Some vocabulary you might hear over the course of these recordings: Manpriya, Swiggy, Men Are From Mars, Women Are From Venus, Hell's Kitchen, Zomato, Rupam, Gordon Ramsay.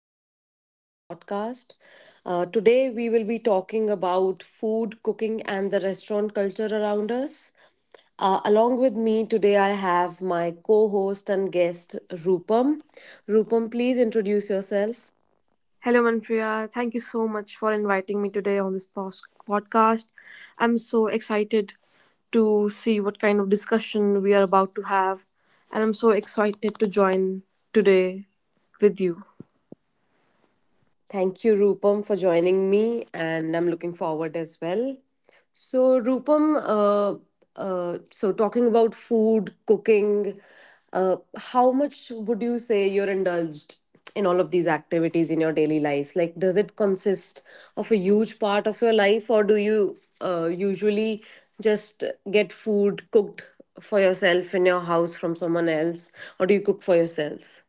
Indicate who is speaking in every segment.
Speaker 1: welcome to today's podcast. Today, we will be talking about food, cooking, and the restaurant culture around us. Along with me today, I have my co host and guest, Rupam. Rupam, please introduce yourself.
Speaker 2: Hello, Manpriya. Thank you so much for inviting me today on this podcast. I'm so excited to see what kind of discussion we are about to have, and I'm so excited to join today with you.
Speaker 1: Thank you, Rupam, for joining me, and I'm looking forward as well. So, Rupam, so talking about food, cooking, how much would you say you're indulged in all of these activities in your daily lives? Like, does it consist of a huge part of your life, or do you usually just get food cooked for yourself in your house from someone else, or do you cook for yourselves?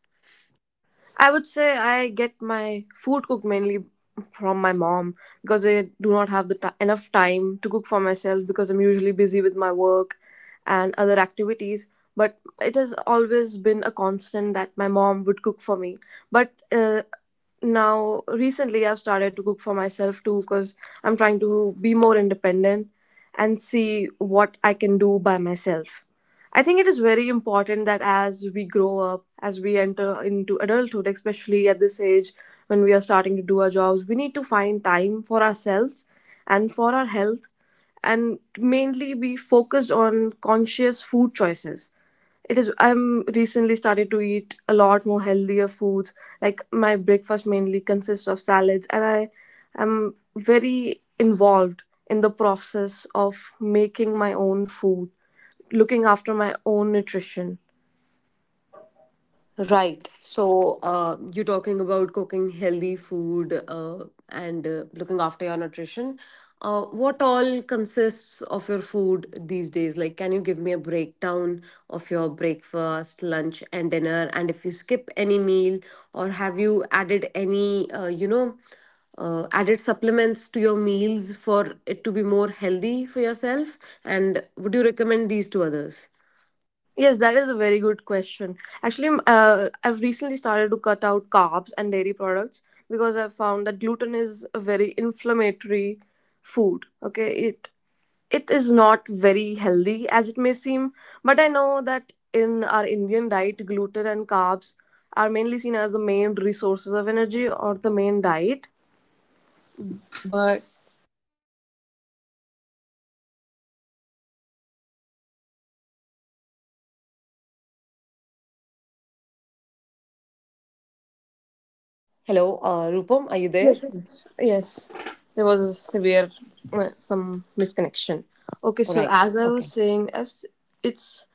Speaker 2: I would say I get my food cooked mainly from my mom because I do not have the ti enough time to cook for myself because I'm usually busy with my work and other activities. But it has always been a constant that my mom would cook for me. But now recently I've started to cook for myself too because I'm trying to be more independent and see what I can do by myself. I think it is very important that as we grow up, as we enter into adulthood, especially at this age when we are starting to do our jobs, we need to find time for ourselves and for our health and mainly be focused on conscious food choices. It is I'm recently started to eat a lot more healthier foods. Like my breakfast mainly consists of salads, and I am very involved in the process of making my own food, looking after my own nutrition.
Speaker 1: Right. So, you're talking about cooking healthy food and looking after your nutrition. What all consists of your food these days? Like, can you give me a breakdown of your breakfast, lunch, and dinner? And if you skip any meal, or have you added any, added supplements to your meals for it to be more healthy for yourself? And would you recommend these to others?
Speaker 2: Yes, that is a very good question. Actually, I've recently started to cut out carbs and dairy products because I've found that gluten is a very inflammatory food. Okay, it is not very healthy as it may seem, but I know that in our Indian diet, gluten and carbs are mainly seen as the main resources of energy or the main diet. But
Speaker 1: Hello, Rupam, are you there?
Speaker 2: yes, yes, yes. There was a severe some misconnection. Okay,
Speaker 1: All
Speaker 2: so
Speaker 1: right.
Speaker 2: as I was
Speaker 1: Okay.
Speaker 2: saying, I've s- it's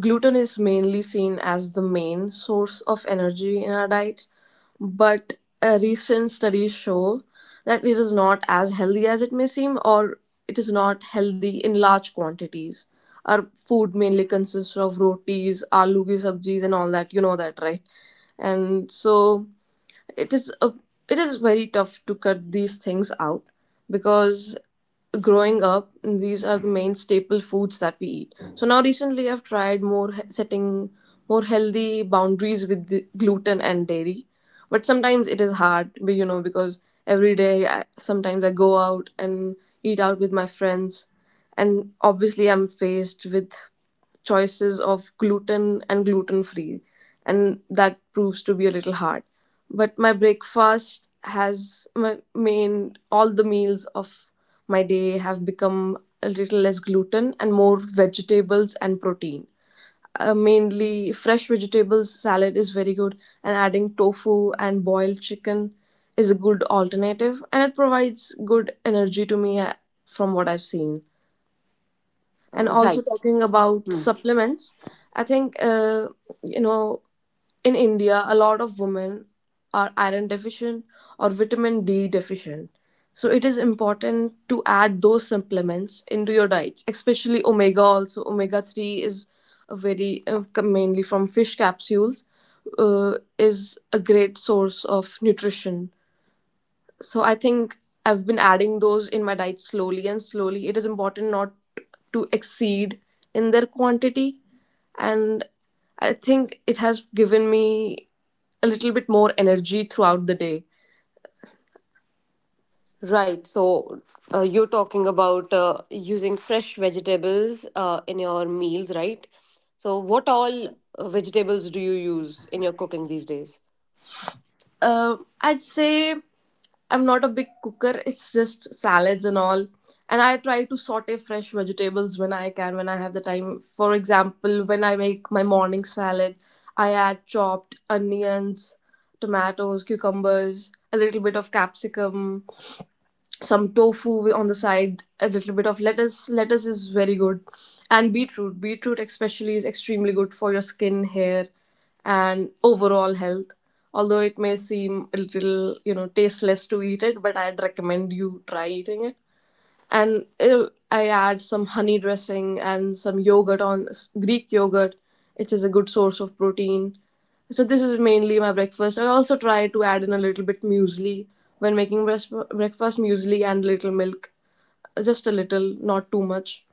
Speaker 2: gluten is mainly seen as the main source of energy in our diets, but recent studies show that it is not as healthy as it may seem, or it is not healthy in large quantities. Our food mainly consists of rotis, aloo ki sabjis, and all that. You know that, right? And so it is a it is very tough to cut these things out because growing up these are the main staple foods that we eat. So now recently I've tried more setting more healthy boundaries with the gluten and dairy, but sometimes it is hard. But you know, because every day sometimes I go out and eat out with my friends, and obviously I'm faced with choices of gluten and gluten free, and that proves to be a little hard. But my breakfast has my main all the meals of my day have become a little less gluten and more vegetables and protein. Mainly fresh vegetables salad is very good, and adding tofu and boiled chicken is a good alternative, and it provides good energy to me, from what I've seen. And also,
Speaker 1: Right.
Speaker 2: talking about
Speaker 1: Hmm.
Speaker 2: supplements, I think, you know in India a lot of women are iron deficient or vitamin D deficient, so it is important to add those supplements into your diets, especially omega. Also, omega 3 is a very, mainly from fish capsules, uh, is a great source of nutrition. So I think I've been adding those in my diet slowly and slowly. It is important not to exceed in their quantity, and I think it has given me a little bit more energy throughout the day.
Speaker 1: Right. So you're talking about using fresh vegetables in your meals, right? So what all vegetables do you use in your cooking these days?
Speaker 2: uh, I'd say I'm not a big cooker, it's just salads and all. And I try to saute fresh vegetables when I can, when I have the time. For example, when I make my morning salad, I add chopped onions, tomatoes, cucumbers, a little bit of capsicum, some tofu on the side, a little bit of lettuce. Lettuce is very good, and beetroot. Beetroot especially is extremely good for your skin, hair, and overall health. Although it may seem a little, you know, tasteless to eat it, but I'd recommend you try eating it. And I add some honey dressing and some yogurt on Greek yogurt, which is a good source of protein. So this is mainly my breakfast. I also try to add in a little bit muesli when making breakfast muesli and little milk, just a little, not too much.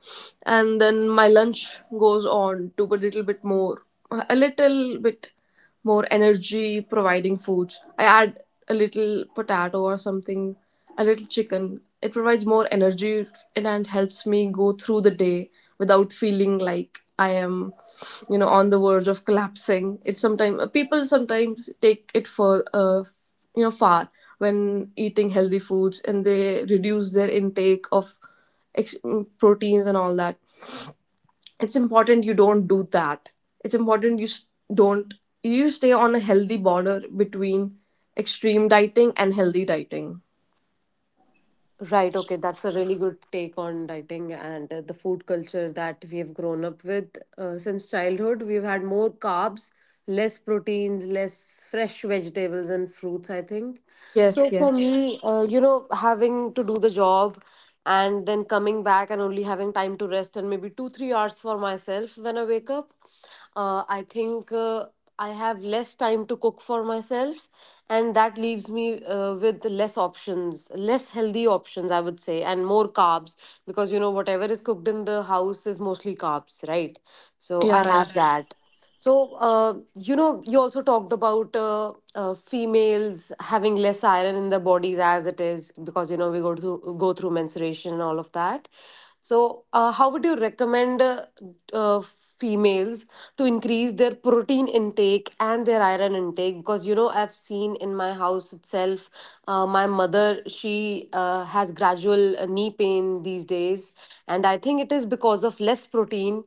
Speaker 2: And then my lunch goes on to a little bit more, a little bit more energy providing foods. I add a little potato or something, a little chicken. It provides more energy and helps me go through the day without feeling like I am, you know, on the verge of collapsing. It sometimes People sometimes take it for, far, when eating healthy foods, and they reduce their intake of proteins and all that. It's important you don't do that. It's important you s- don't you stay on a healthy border between extreme dieting and healthy dieting.
Speaker 1: Right. Okay. That's a really good take on dieting and the food culture that we have grown up with since childhood. We've had more carbs, less proteins, less fresh vegetables and fruits, I think. So,
Speaker 2: Yes,
Speaker 1: yes, for yes,
Speaker 2: yes,
Speaker 1: me, having to do the job and then coming back and only having time to rest and maybe 2-3 hours for myself when I wake up, I think I have less time to cook for myself, and that leaves me with less options, less healthy options, I would say, and more carbs, because whatever is cooked in the house is mostly carbs, right? So
Speaker 2: yeah,
Speaker 1: I
Speaker 2: right.
Speaker 1: have, yeah, that. So, you also talked about females having less iron in their bodies as it is, because, we go through menstruation and all of that. So, how would you recommend uh, females to increase their protein intake and their iron intake? Because, I've seen in my house itself, my mother, she has gradual knee pain these days, and I think it is because of less protein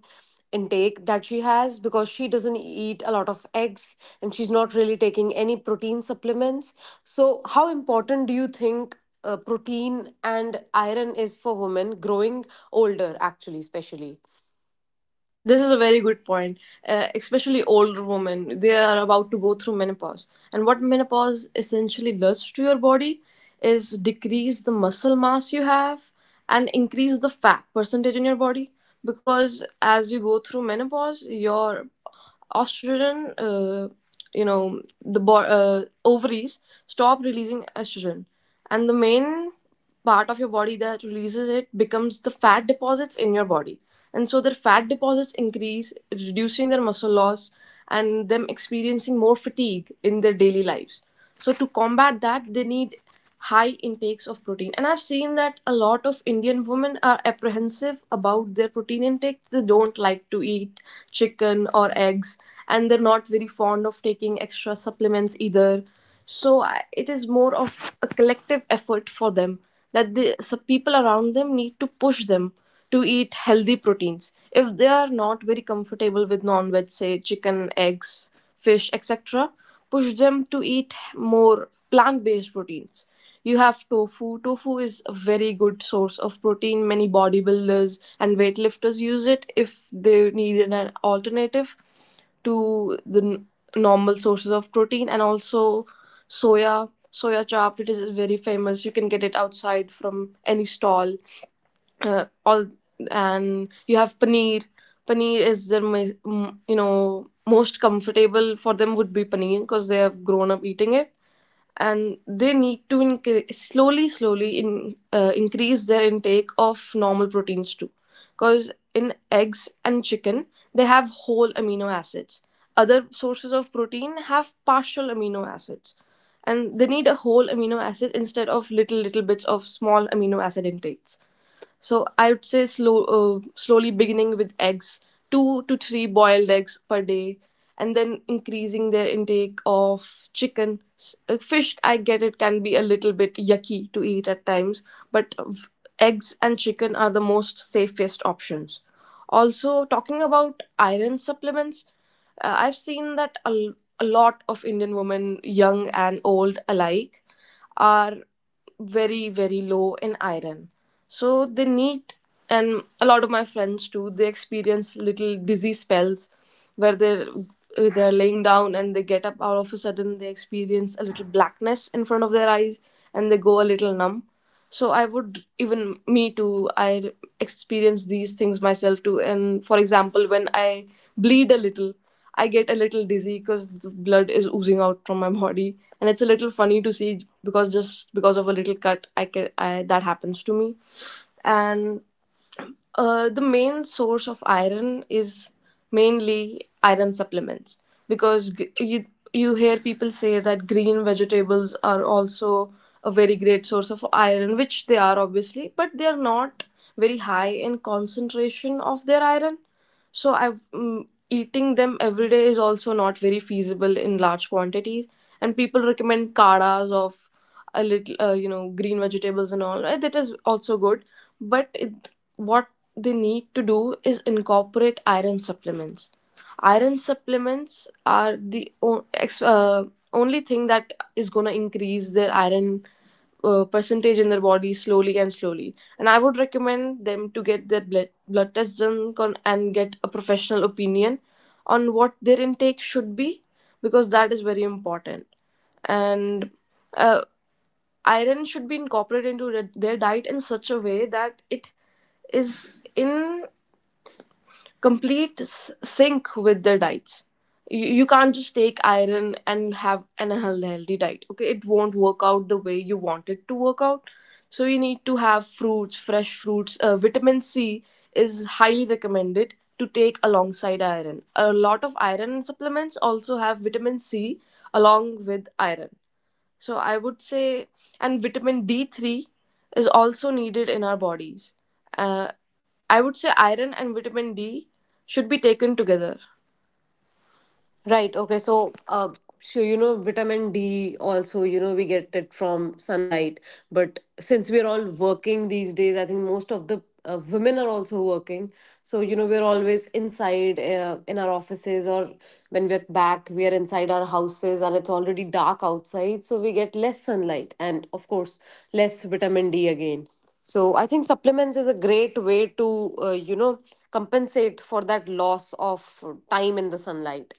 Speaker 1: intake that she has, because she doesn't eat a lot of eggs and she's not really taking any protein supplements. So, how important do you think protein and iron is for women growing older, actually, especially?
Speaker 2: This is a very good point, especially older women. They are about to go through menopause. And what menopause essentially does to your body is decrease the muscle mass you have and increase the fat percentage in your body. Because as you go through menopause, your estrogen, ovaries stop releasing estrogen. And the main part of your body that releases it becomes the fat deposits in your body. And so their fat deposits increase, reducing their muscle loss and them experiencing more fatigue in their daily lives. So to combat that, they need high intakes of protein. And I've seen that a lot of Indian women are apprehensive about their protein intake. They don't like to eat chicken or eggs, and they're not very fond of taking extra supplements either. So it is more of a collective effort for them that the so people around them need to push them to eat healthy proteins. If they are not very comfortable with non veg, say chicken, eggs, fish, etc., push them to eat more plant based proteins. You have tofu. Tofu is a very good source of protein. Many bodybuilders and weightlifters use it if they need an alternative to the normal sources of protein. And also, soya chap, it is very famous. You can get it outside from any stall, all and you have paneer. Paneer is their ma- m- you know most comfortable for them would be paneer because they have grown up eating it. And they need to slowly slowly increase their intake of normal proteins too, because in eggs and chicken they have whole amino acids. Other sources of protein have partial amino acids, and they need a whole amino acid instead of little little bits of small amino acid intakes. So I would say slowly beginning with eggs, 2 to 3 boiled eggs per day, and then increasing their intake of chicken. Fish, I get it, can be a little bit yucky to eat at times, but eggs and chicken are the most safest options. Also, talking about iron supplements, I've seen that a lot of Indian women, young and old alike, are very very low in iron. So they need, and a lot of my friends too, they experience little dizzy spells where they're laying down and they get up all of a sudden, they experience a little blackness in front of their eyes and they go a little numb. So I would, even me too, I experience these things myself too. And for example, when I bleed a little, I get a little dizzy because the blood is oozing out from my body, and it's a little funny to see because just because of a little cut, I, can I that happens to me. And the main source of iron is mainly iron supplements, because you, you hear people say that green vegetables are also a very great source of iron, which they are obviously, but they are not very high in concentration of their iron. So I, eating them every day is also not very feasible in large quantities, and people recommend kadas of a little, green vegetables and all, right? That is also good, but it, what they need to do is incorporate iron supplements. Iron supplements are the only thing that is going to increase their iron percentage in their body slowly and slowly. And I would recommend them to get their blood tests done, and get a professional opinion on what their intake should be, because that is very important. And uh, iron should be incorporated into their diet in such a way that it is in complete sync with their diets. You can't just take iron and have an unhealthy diet. Okay, it won't work out the way you want it to work out. So you need to have fruits, fresh fruits. Vitamin C is highly recommended to take alongside iron. A lot of iron supplements also have vitamin C along with iron. So I would say, and vitamin D3 is also needed in our bodies. Uh, I would say iron and vitamin D should be taken together.
Speaker 1: Right. Okay. So, vitamin D also, we get it from sunlight. But since we're all working these days, I think most of the women are also working. So, we're always inside in our offices, or when we're back, we are inside our houses and it's already dark outside. So, we get less sunlight and, of course, less vitamin D again. So I think supplements is a great way to, compensate for that loss of time in the sunlight.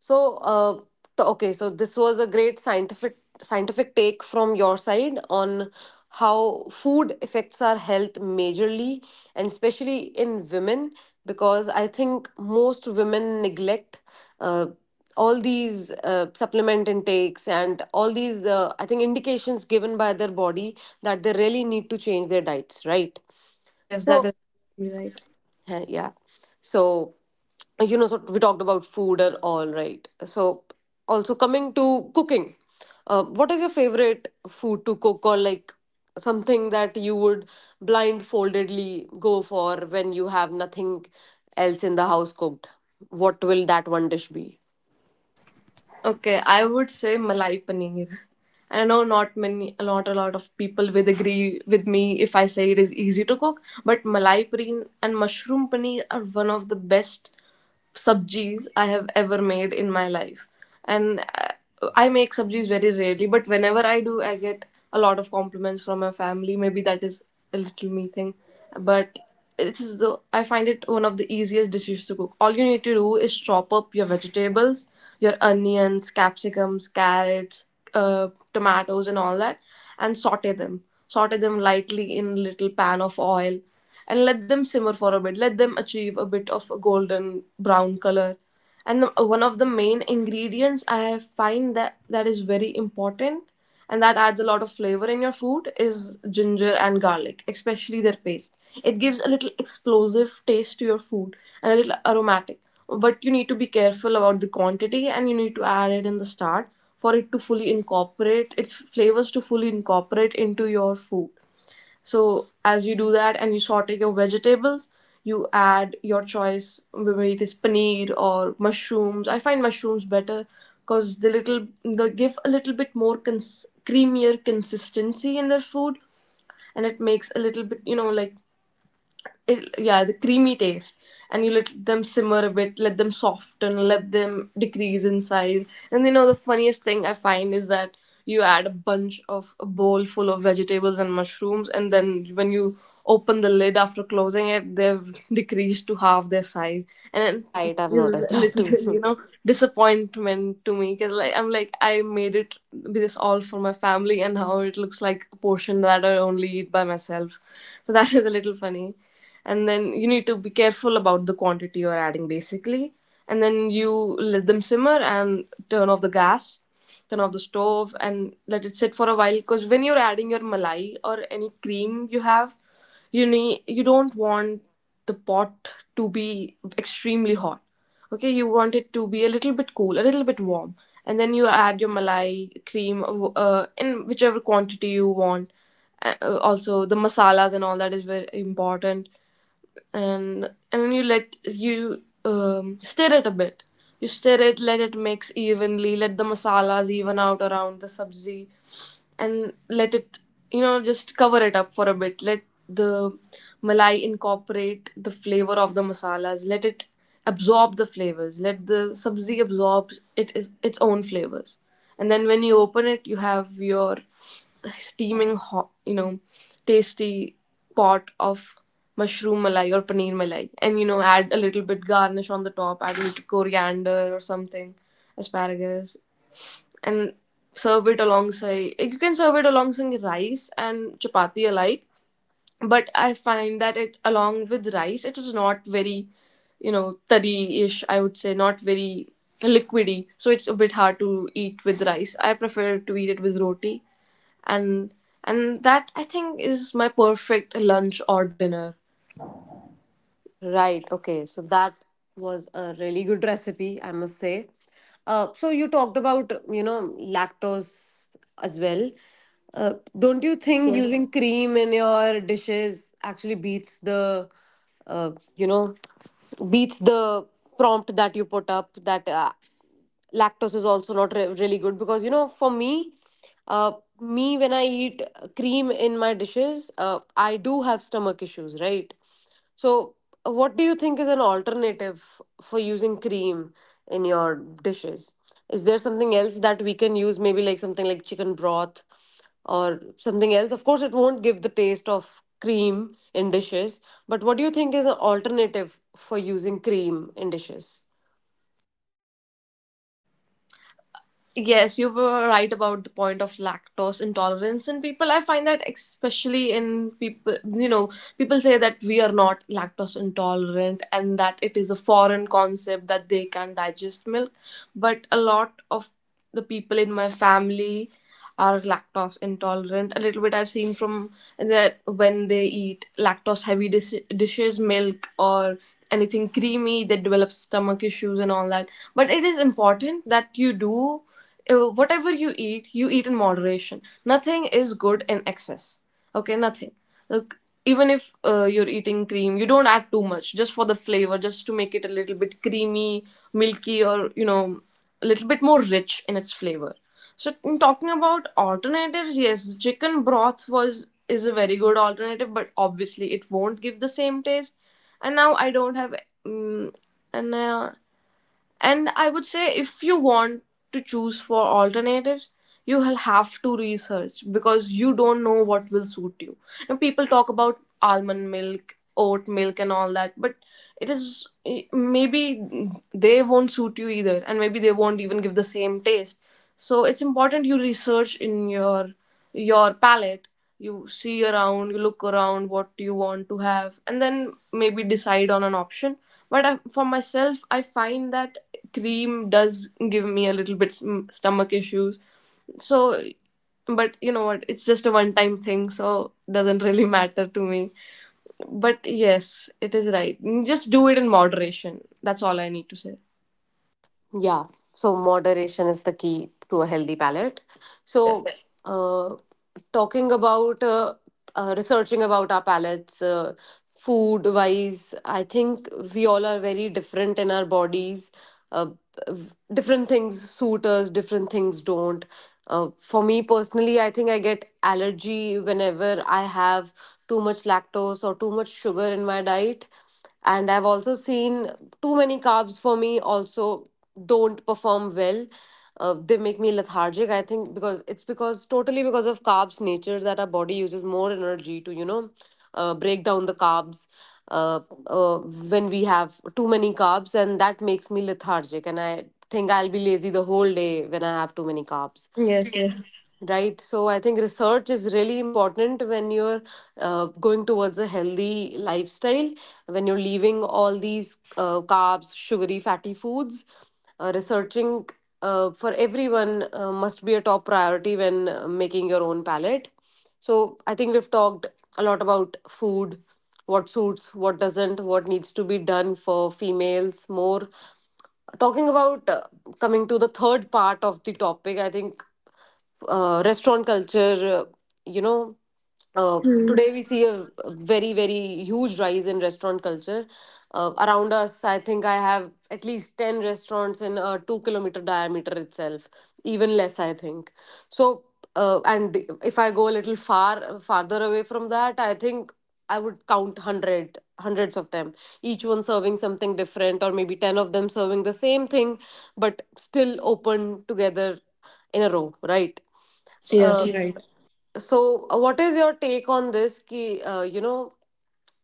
Speaker 1: So, okay, so this was a great scientific take from your side on how food affects our health majorly, and especially in women, because I think most women neglect. Uh, all these supplement intakes and all these, I think, indications given by their body that they really need to change their diets, right?
Speaker 2: Yes, that
Speaker 1: So,
Speaker 2: is right.
Speaker 1: yeah, so so we talked about food and all, right? So also, coming to cooking, what is your favorite food to cook, or like something that you would blindfoldedly go for when you have nothing else in the house cooked? What will that one dish be?
Speaker 2: Okay, I would say malai paneer. I know not many, not a lot of people will agree with me if I say it is easy to cook, but malai paneer and mushroom paneer are one of the best subjis I have ever made in my life. And I make subjis very rarely, but whenever I do, I get a lot of compliments from my family. Maybe that is a little me thing, but this is the I find it one of the easiest dishes to cook. All you need to do is chop up your vegetables, your onions, capsicums, carrots, tomatoes, and all that, and saute them. Saute them lightly in a little pan of oil and let them simmer for a bit. Let them achieve a bit of a golden brown color. One of the main ingredients I find that is very important and that adds a lot of flavor in your food is ginger and garlic, especially their paste. It gives a little explosive taste to your food and a little aromatic. But you need to be careful about the quantity and you need to add it in the start for it to fully incorporate its flavors to fully incorporate into your food. So as you do that and you saute your vegetables, you add your choice whether it is paneer or mushrooms. I find mushrooms better because they give a little bit more creamier consistency in their food, and it makes a little bit, you know, like it, yeah, the creamy taste. And you let them simmer a bit, let them soften, let them decrease in size. And you know the funniest thing I find is that you add a bunch of a bowl full of vegetables and mushrooms, and then when you open the lid after closing it, they've decreased to half their size, and it
Speaker 1: Right, I've
Speaker 2: gives
Speaker 1: noticed
Speaker 2: a
Speaker 1: that
Speaker 2: little
Speaker 1: too.
Speaker 2: you know disappointment to me, because like I'm like I made it this all for my family, and now it looks like a portion that I only eat by myself. So that is a little funny. And then you need to be careful about the quantity you're adding, basically. And then you let them simmer and turn off the gas, turn off the stove, and let it sit for a while, because when you're adding your malai or any cream you have, you need, you don't want the pot to be extremely hot. Okay, you want it to be a little bit cool, a little bit warm, and then you add your malai cream in whichever quantity you want. Also, the masalas and all that is very important, and then you let you stir it a bit. You stir it, let it mix evenly, let the masalas even out around the sabzi, and let it, you know, just cover it up for a bit. Let the malai incorporate the flavor of the masalas. Let it absorb the flavors. Let the sabzi absorb it is its own flavors. And then when you open it, you have your steaming hot, you know, tasty pot of mushroom malai or paneer malai. And you know, add a little bit garnish on the top, add a little coriander or something, asparagus, and serve it alongside. You can serve it alongside rice and chapati alike, but I find that it along with rice, it is not very, you know, tadi-ish, I would say, not very liquidy, so it's a bit hard to eat with rice. I prefer to eat it with roti. And And that I think is my perfect lunch or dinner.
Speaker 1: Right. Okay. So that was a really good recipe, I must say. So you talked about, lactose as well. Don't you
Speaker 2: Yes,
Speaker 1: think
Speaker 2: yes.
Speaker 1: using cream in your dishes actually beats the, uh, you know, beats the prompt that you put up, that lactose is also not really good? Because for uh, me, when I eat cream in my dishes, I do have stomach issues, right? So, what do you think is an alternative for using cream in your dishes? Is there something else that we can use? Maybe like something like chicken broth or something else. Of course, it won't give the taste of cream in dishes, but what do you think is an alternative for using cream in dishes?
Speaker 2: Yes, you were right about the point of lactose intolerance in people. I find that especially in people, you know, people say that we are not lactose intolerant and that it is a foreign concept that they can digest milk. But a lot of the people in my family are lactose intolerant a little bit. I've seen from that when they eat lactose heavy dishes, milk, or anything creamy, they develop stomach issues and all that. But it is important that you do, whatever you eat, you eat in moderation. Nothing is good in excess, okay, nothing. Look, even if you're eating cream, you don't add too much, just for the flavor, just to make it a little bit creamy, milky, or you know, a little bit more rich in its flavor. So in talking about alternatives, yes, chicken broth was is a very good alternative, but obviously it won't give the same taste. And now I don't have, um, and and I would say if you want to choose for alternatives, you will have to research because you don't know what will suit you. And people talk about almond milk, oat milk, and all that, but it is maybe they won't suit you either, and maybe they won't even give the same taste. So it's important you research in your palate, you see around, you look around what you want to have, and then maybe decide on an option. But I, for myself, I find that cream does give me a little bit stomach issues. So, but you know what? It's just a one-time thing, so doesn't really matter to me. But yes, it is right. Just do it in moderation. That's all I need to say.
Speaker 1: Yeah, so moderation is the key to a healthy palate.
Speaker 2: Yes.
Speaker 1: So, yes. Talking about researching about our palates, food wise, I think we all are very different in our bodies. Uh, Different things suit us, different things don't. For me personally, I think I get allergy whenever I have too much lactose or too much sugar in my diet, and I've also seen too many carbs for me also don't perform well, they make me lethargic, I think, because it's because totally because of carbs nature that our body uses more energy to break down the carbs uh, uh, when we have too many carbs, and that makes me lethargic, and I think I'll be lazy the whole day when I have too many carbs.
Speaker 2: Yes. Yes.
Speaker 1: Right. So I think research is really important when you're going towards a healthy lifestyle, when you're leaving all these carbs, sugary, fatty foods. Researching for everyone must be a top priority when making your own palette. So I think we've talked a lot about food, what suits, what doesn't, what needs to be done for females more, talking about coming to the third part of the topic, I think, restaurant culture. You know, uh,
Speaker 2: Hmm.
Speaker 1: today we see a very very huge rise in restaurant culture around us. I think I have at least 10 restaurants in a 2 kilometer diameter itself, even less I think. So, and if I go a little far farther away from that, I think I would count hundreds of them, each one serving something different, or maybe 10 of them serving the same thing, but still open together in a row, right?
Speaker 2: Yes.
Speaker 1: Yes.
Speaker 2: Right.
Speaker 1: So, what is your take on this ki, uh, you know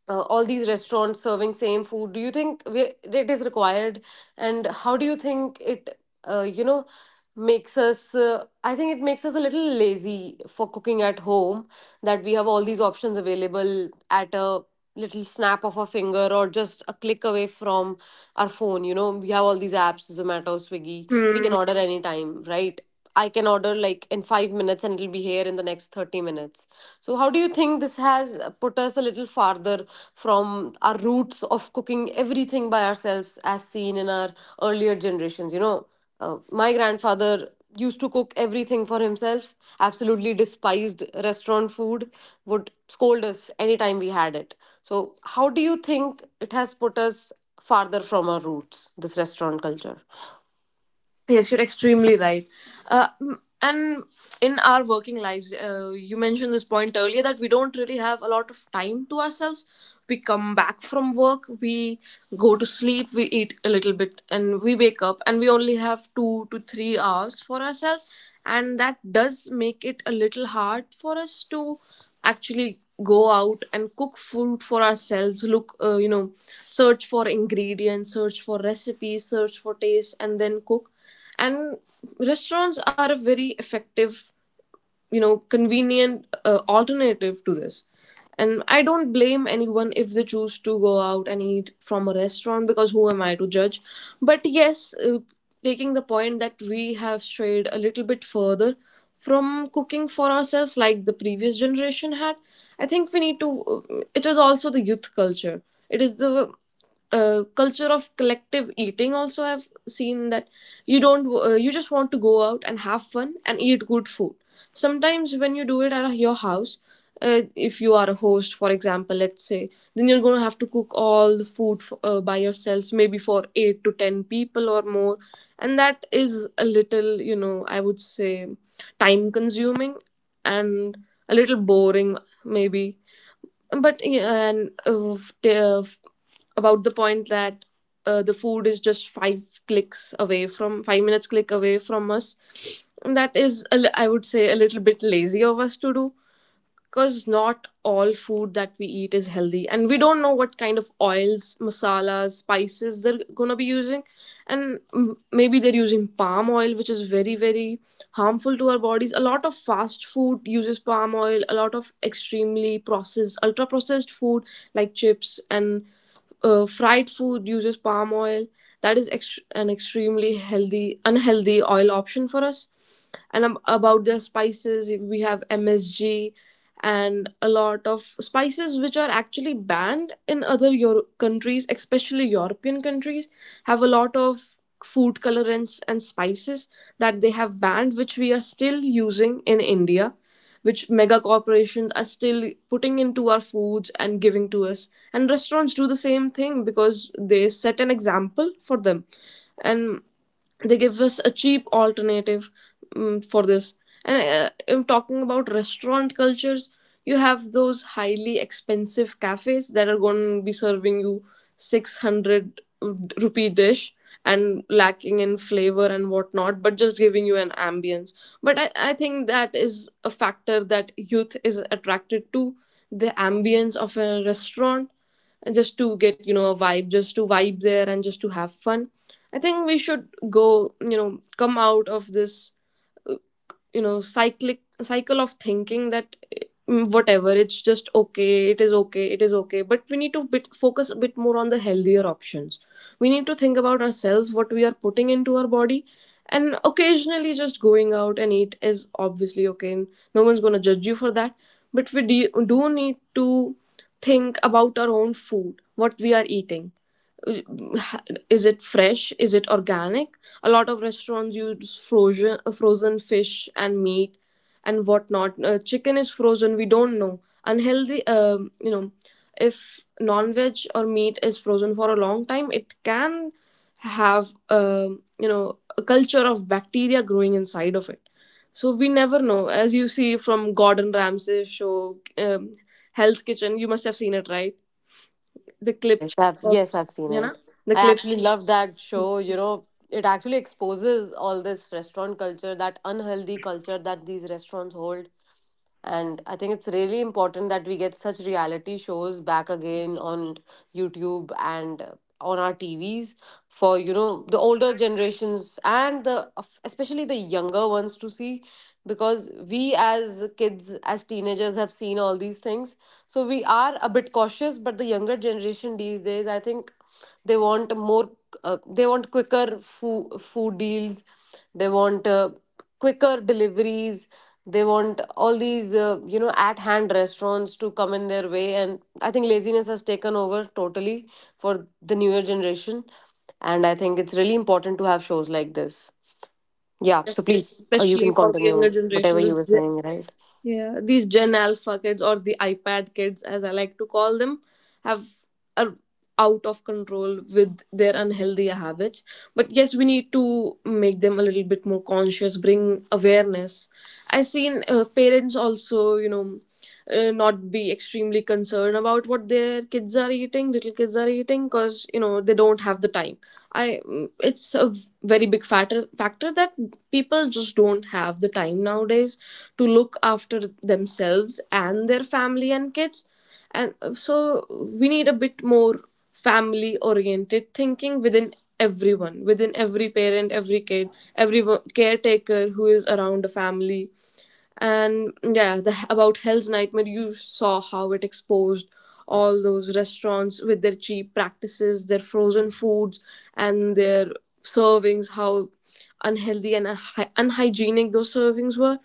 Speaker 1: uh, all these restaurants serving same food? Do you think it is required, and how do you think it, uh, you know makes us, a little lazy for cooking at home, that we have all these options available at a little snap of a finger or just a click away from our phone? We have all these apps, Zomato, Swiggy, we can
Speaker 2: Hmm.
Speaker 1: order anytime, right? I can order like in 5 minutes and it'll be here in the next 30 minutes. So how do you think this has put us a little farther from our roots of cooking everything by ourselves, as seen in our earlier generations? My grandfather used to cook everything for himself, absolutely despised restaurant food, would scold us anytime we had it. So how do you think it has put us farther from our roots, this restaurant culture?
Speaker 2: Yes, you're extremely right. And in our working lives, you mentioned this point earlier that we don't really have a lot of time to ourselves. We come back from work, we go to sleep, we eat a little bit, and we wake up, and we only have 2 to 3 hours for ourselves. And that does make it a little hard for us to actually go out and cook food for ourselves, look, you know, search for ingredients, search for recipes, search for taste, and then cook. And restaurants are a very effective, you know, convenient alternative to this. And I don't blame anyone if they choose to go out and eat from a restaurant, because who am I to judge? But yes, taking the point that we have strayed a little bit further from cooking for ourselves like the previous generation had, I think we need to, it was also the youth culture, it is the culture of collective eating. Also, I've seen that you don't, you just want to go out and have fun and eat good food. Sometimes when you do it at your house, uh, if you are a host, for example, let's say, then you're going to have to cook all the food by yourselves, maybe for 8 to 10 people or more. And that is a little, you know, I would say time consuming and a little boring, maybe. But yeah, and f- t- f- about the point that the food is just 5 minutes click away from us, that is a I would say a little bit lazy of us to do, because not all food that we eat is healthy, and we don't know what kind of oils, masalas, spices they're going to be using. And maybe they're using palm oil, which is very, very harmful to our bodies. A lot of fast food uses palm oil, a lot of extremely processed, ultra processed food like chips and fried food uses palm oil. That is an extremely healthy unhealthy oil option for us. And about their spices, we have MSG and a lot of spices which are actually banned in other countries, especially European countries, have a lot of food colorants and spices that they have banned, which we are still using in India, which mega corporations are still putting into our foods and giving to us. And restaurants do the same thing because they set an example for them, and they give us a cheap alternative, for this. And I'm talking about restaurant cultures, you have those highly expensive cafes that are going to be serving you 600 rupee dish and lacking in flavor and whatnot, but just giving you an ambience. But I think that is a factor that youth is attracted to, the ambience of a restaurant, just to get, you know, a vibe, just to vibe there, and just to have fun. I think we should go, you know, come out of this, you know, cyclic cycle of thinking that, whatever, it's just okay, it is Okay, it is okay, but we need to focus a bit more on the healthier options. We need to think about ourselves, what we are putting into our body. And occasionally just going out and eat is obviously okay, and no one's going to judge you for that. But we do need to think about our own food, what we are eating. Is it fresh, is it organic? A lot of restaurants use frozen fish and meat and whatnot. Chicken is frozen, we don't know, unhealthy. You know, if non-veg or meat is frozen for a long time, it can have, you know, a culture of bacteria growing inside of it. So we never know. As you see from Gordon Ramsay show, Hell's Kitchen, you must have seen it, right? The
Speaker 1: Yes,
Speaker 2: clips
Speaker 1: yes, I've,
Speaker 2: of,
Speaker 1: yes, I've seen
Speaker 2: you know,
Speaker 1: it.
Speaker 2: the
Speaker 1: I
Speaker 2: clips.
Speaker 1: actually love that show. It actually exposes all this restaurant culture, that unhealthy culture that these restaurants hold. And I think it's really important that we get such reality shows back again on YouTube and, on our TVs, for, the older generations and the especially the younger ones to see, because we as kids, as teenagers, have seen all these things. So we are a bit cautious, but the younger generation these days, I think they want more, they want quicker food deals. They want quicker deliveries, they want all these, at hand, restaurants to come in their way, and I think laziness has taken over totally for the newer generation, and I think it's really important to have shows like this. Yeah, so
Speaker 2: Yes,
Speaker 1: please, you
Speaker 2: especially
Speaker 1: can
Speaker 2: for the younger
Speaker 1: continue whatever
Speaker 2: generation,
Speaker 1: you
Speaker 2: this
Speaker 1: were saying, right?
Speaker 2: yeah, these Gen Alpha kids, or the iPad kids as I like to call them, have a, out of control with their unhealthy habits. But yes, we need to make them a little bit more conscious, bring awareness. I've seen parents also, you know, not be extremely concerned about what their kids are eating, little kids are eating, because you know they don't have the time. It's a very big factor that people just don't have the time nowadays to look after themselves and their family and kids. And so we need a bit more family oriented thinking within everyone, within every parent, every kid, every caretaker who is around a family. And yeah, the about Hell's Nightmare, you saw how it exposed all those restaurants with their cheap practices, their frozen foods, and their servings, how unhealthy and unhygienic those servings were.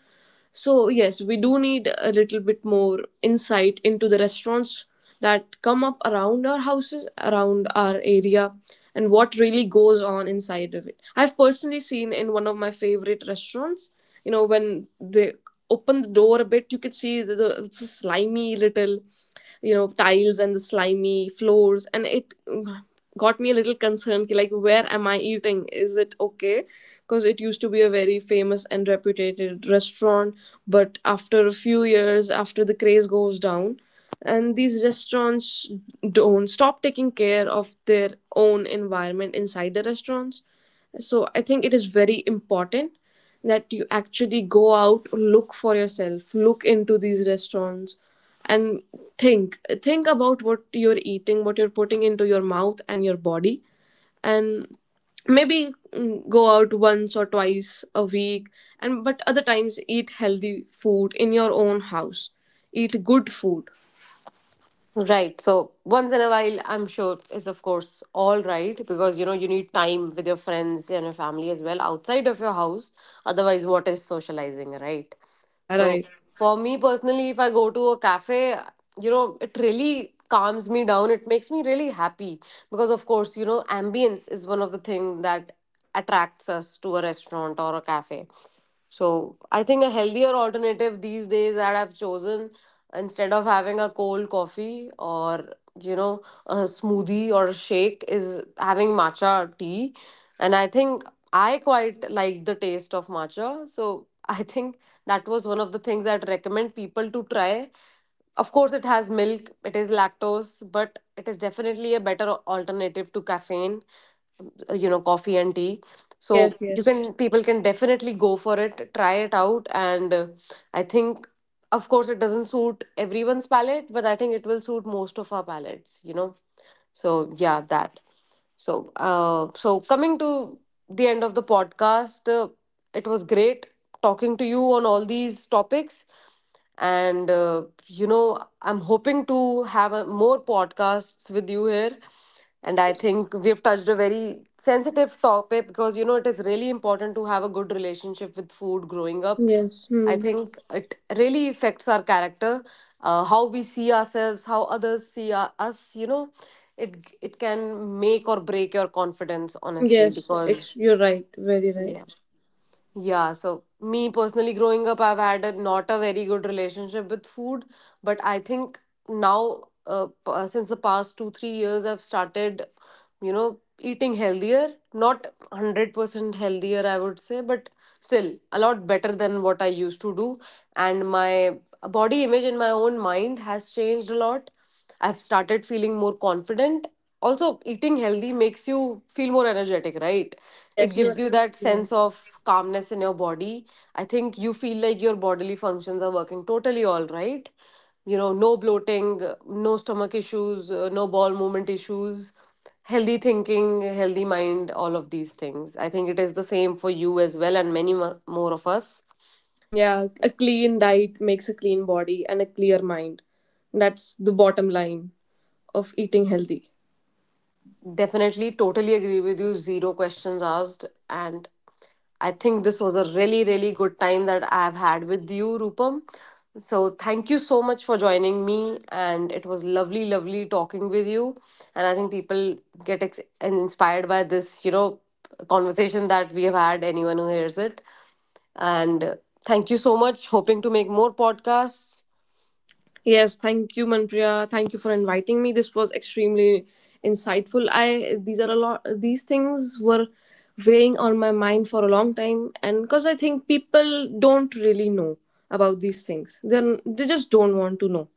Speaker 2: So, yes, we do need a little bit more insight into the restaurants that come up around our houses, around our area, and what really goes on inside of it. I've personally seen in one of my favorite restaurants, you know, when they open the door a bit, you could see the it's a slimy little, you know, tiles and the slimy floors, and it got me a little concerned, ki, like, where am I eating, is it okay? Because it used to be a very famous and reputed restaurant, but after a few years, after the craze goes down, and these restaurants don't stop taking care of their own environment inside the restaurants. So I think it is very important that you actually go out, look for yourself, look into these restaurants, and think about what you're eating, what you're putting into your mouth and your body. And maybe go out once or twice a week, and but other times eat healthy food in your own house, eat good food.
Speaker 1: Right. So once in a while, I'm sure, is of course all right, because you need time with your friends and your family as well outside of your house. Otherwise, what is socializing, right?
Speaker 2: Yeah,
Speaker 1: So
Speaker 2: right.
Speaker 1: for me personally, if I go to a cafe, it really calms me down. It makes me really happy, because of course, ambience is one of the thing that attracts us to a restaurant or a cafe. So I think a healthier alternative these days that I've chosen, instead of having a cold coffee or you know a smoothie or a shake, is having matcha tea, and I think I quite like the taste of matcha. So I think that was one of the things I'd recommend people to try. Of course, it has milk, it is lactose, but it is definitely a better alternative to caffeine, coffee and tea.
Speaker 2: Yes,
Speaker 1: So you
Speaker 2: yes.
Speaker 1: can people can definitely go for it, try it out, and I think, of course, it doesn't suit everyone's palate, but I think it will suit most of our palates, so yeah, that. So coming to the end of the podcast, it was great talking to you on all these topics, and I'm hoping to have more podcasts with you here. And I think we've touched a very sensitive topic, because it is really important to have a good relationship with food growing up.
Speaker 2: Yes.
Speaker 1: I
Speaker 2: Hmm.
Speaker 1: think it really affects our character, how we see ourselves, how others see us. You know, it can make or break your confidence, honestly,
Speaker 2: Yes,
Speaker 1: because
Speaker 2: you're right, very
Speaker 1: yeah.
Speaker 2: right.
Speaker 1: Yeah, so me personally, growing up, I've had, not a very good relationship with food, but I think now, since the past 2-3 years, I've started, eating healthier. Not 100% healthier, I would say, but still a lot better than what I used to do. And my body image in my own mind has changed a lot. I've started feeling more confident. Also, eating healthy makes you feel more energetic, right? It
Speaker 2: Yes, you're.
Speaker 1: gives you that
Speaker 2: Yeah.
Speaker 1: sense of calmness in your body. I think you feel like your bodily functions are working totally all right. You know, no bloating, no stomach issues, no bowel movement issues, healthy thinking, healthy mind, all of these things. I think it is the same for you as well, and many more of us.
Speaker 2: Mm, yeah, a clean diet makes a clean body and a clear mind. That's the bottom line of eating healthy.
Speaker 1: Definitely, totally agree with you. Zero questions asked. And I think this was a really, really good time that I've had with you, Rupam. So thank you so much for joining me. And it was lovely, lovely talking with you. And I think people get inspired by this, conversation that we have had, anyone who hears it. And thank you so much. Hoping to make more podcasts.
Speaker 2: Yes, thank you, Manpriya. Thank you for inviting me. This was extremely insightful. I, these are a lot. These things were weighing on my mind for a long time, and because I think people don't really know about these things. Then they just don't want to know.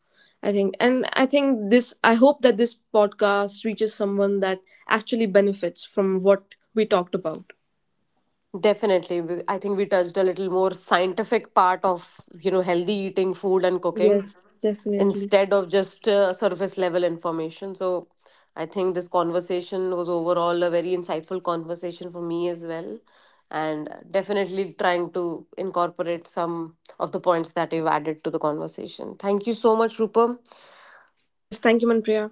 Speaker 2: I think, and I think this. I hope that this podcast reaches someone that actually benefits from what we talked about.
Speaker 1: Definitely. I think we touched a little more scientific part of, healthy eating, food and cooking,
Speaker 2: Yes, definitely.
Speaker 1: instead of just surface level information. So I think this conversation was overall a very insightful conversation for me as well. And definitely trying to incorporate some of the points that you've added to the conversation. Thank you so much, Rupam.
Speaker 2: Yes, thank you, Manpriya.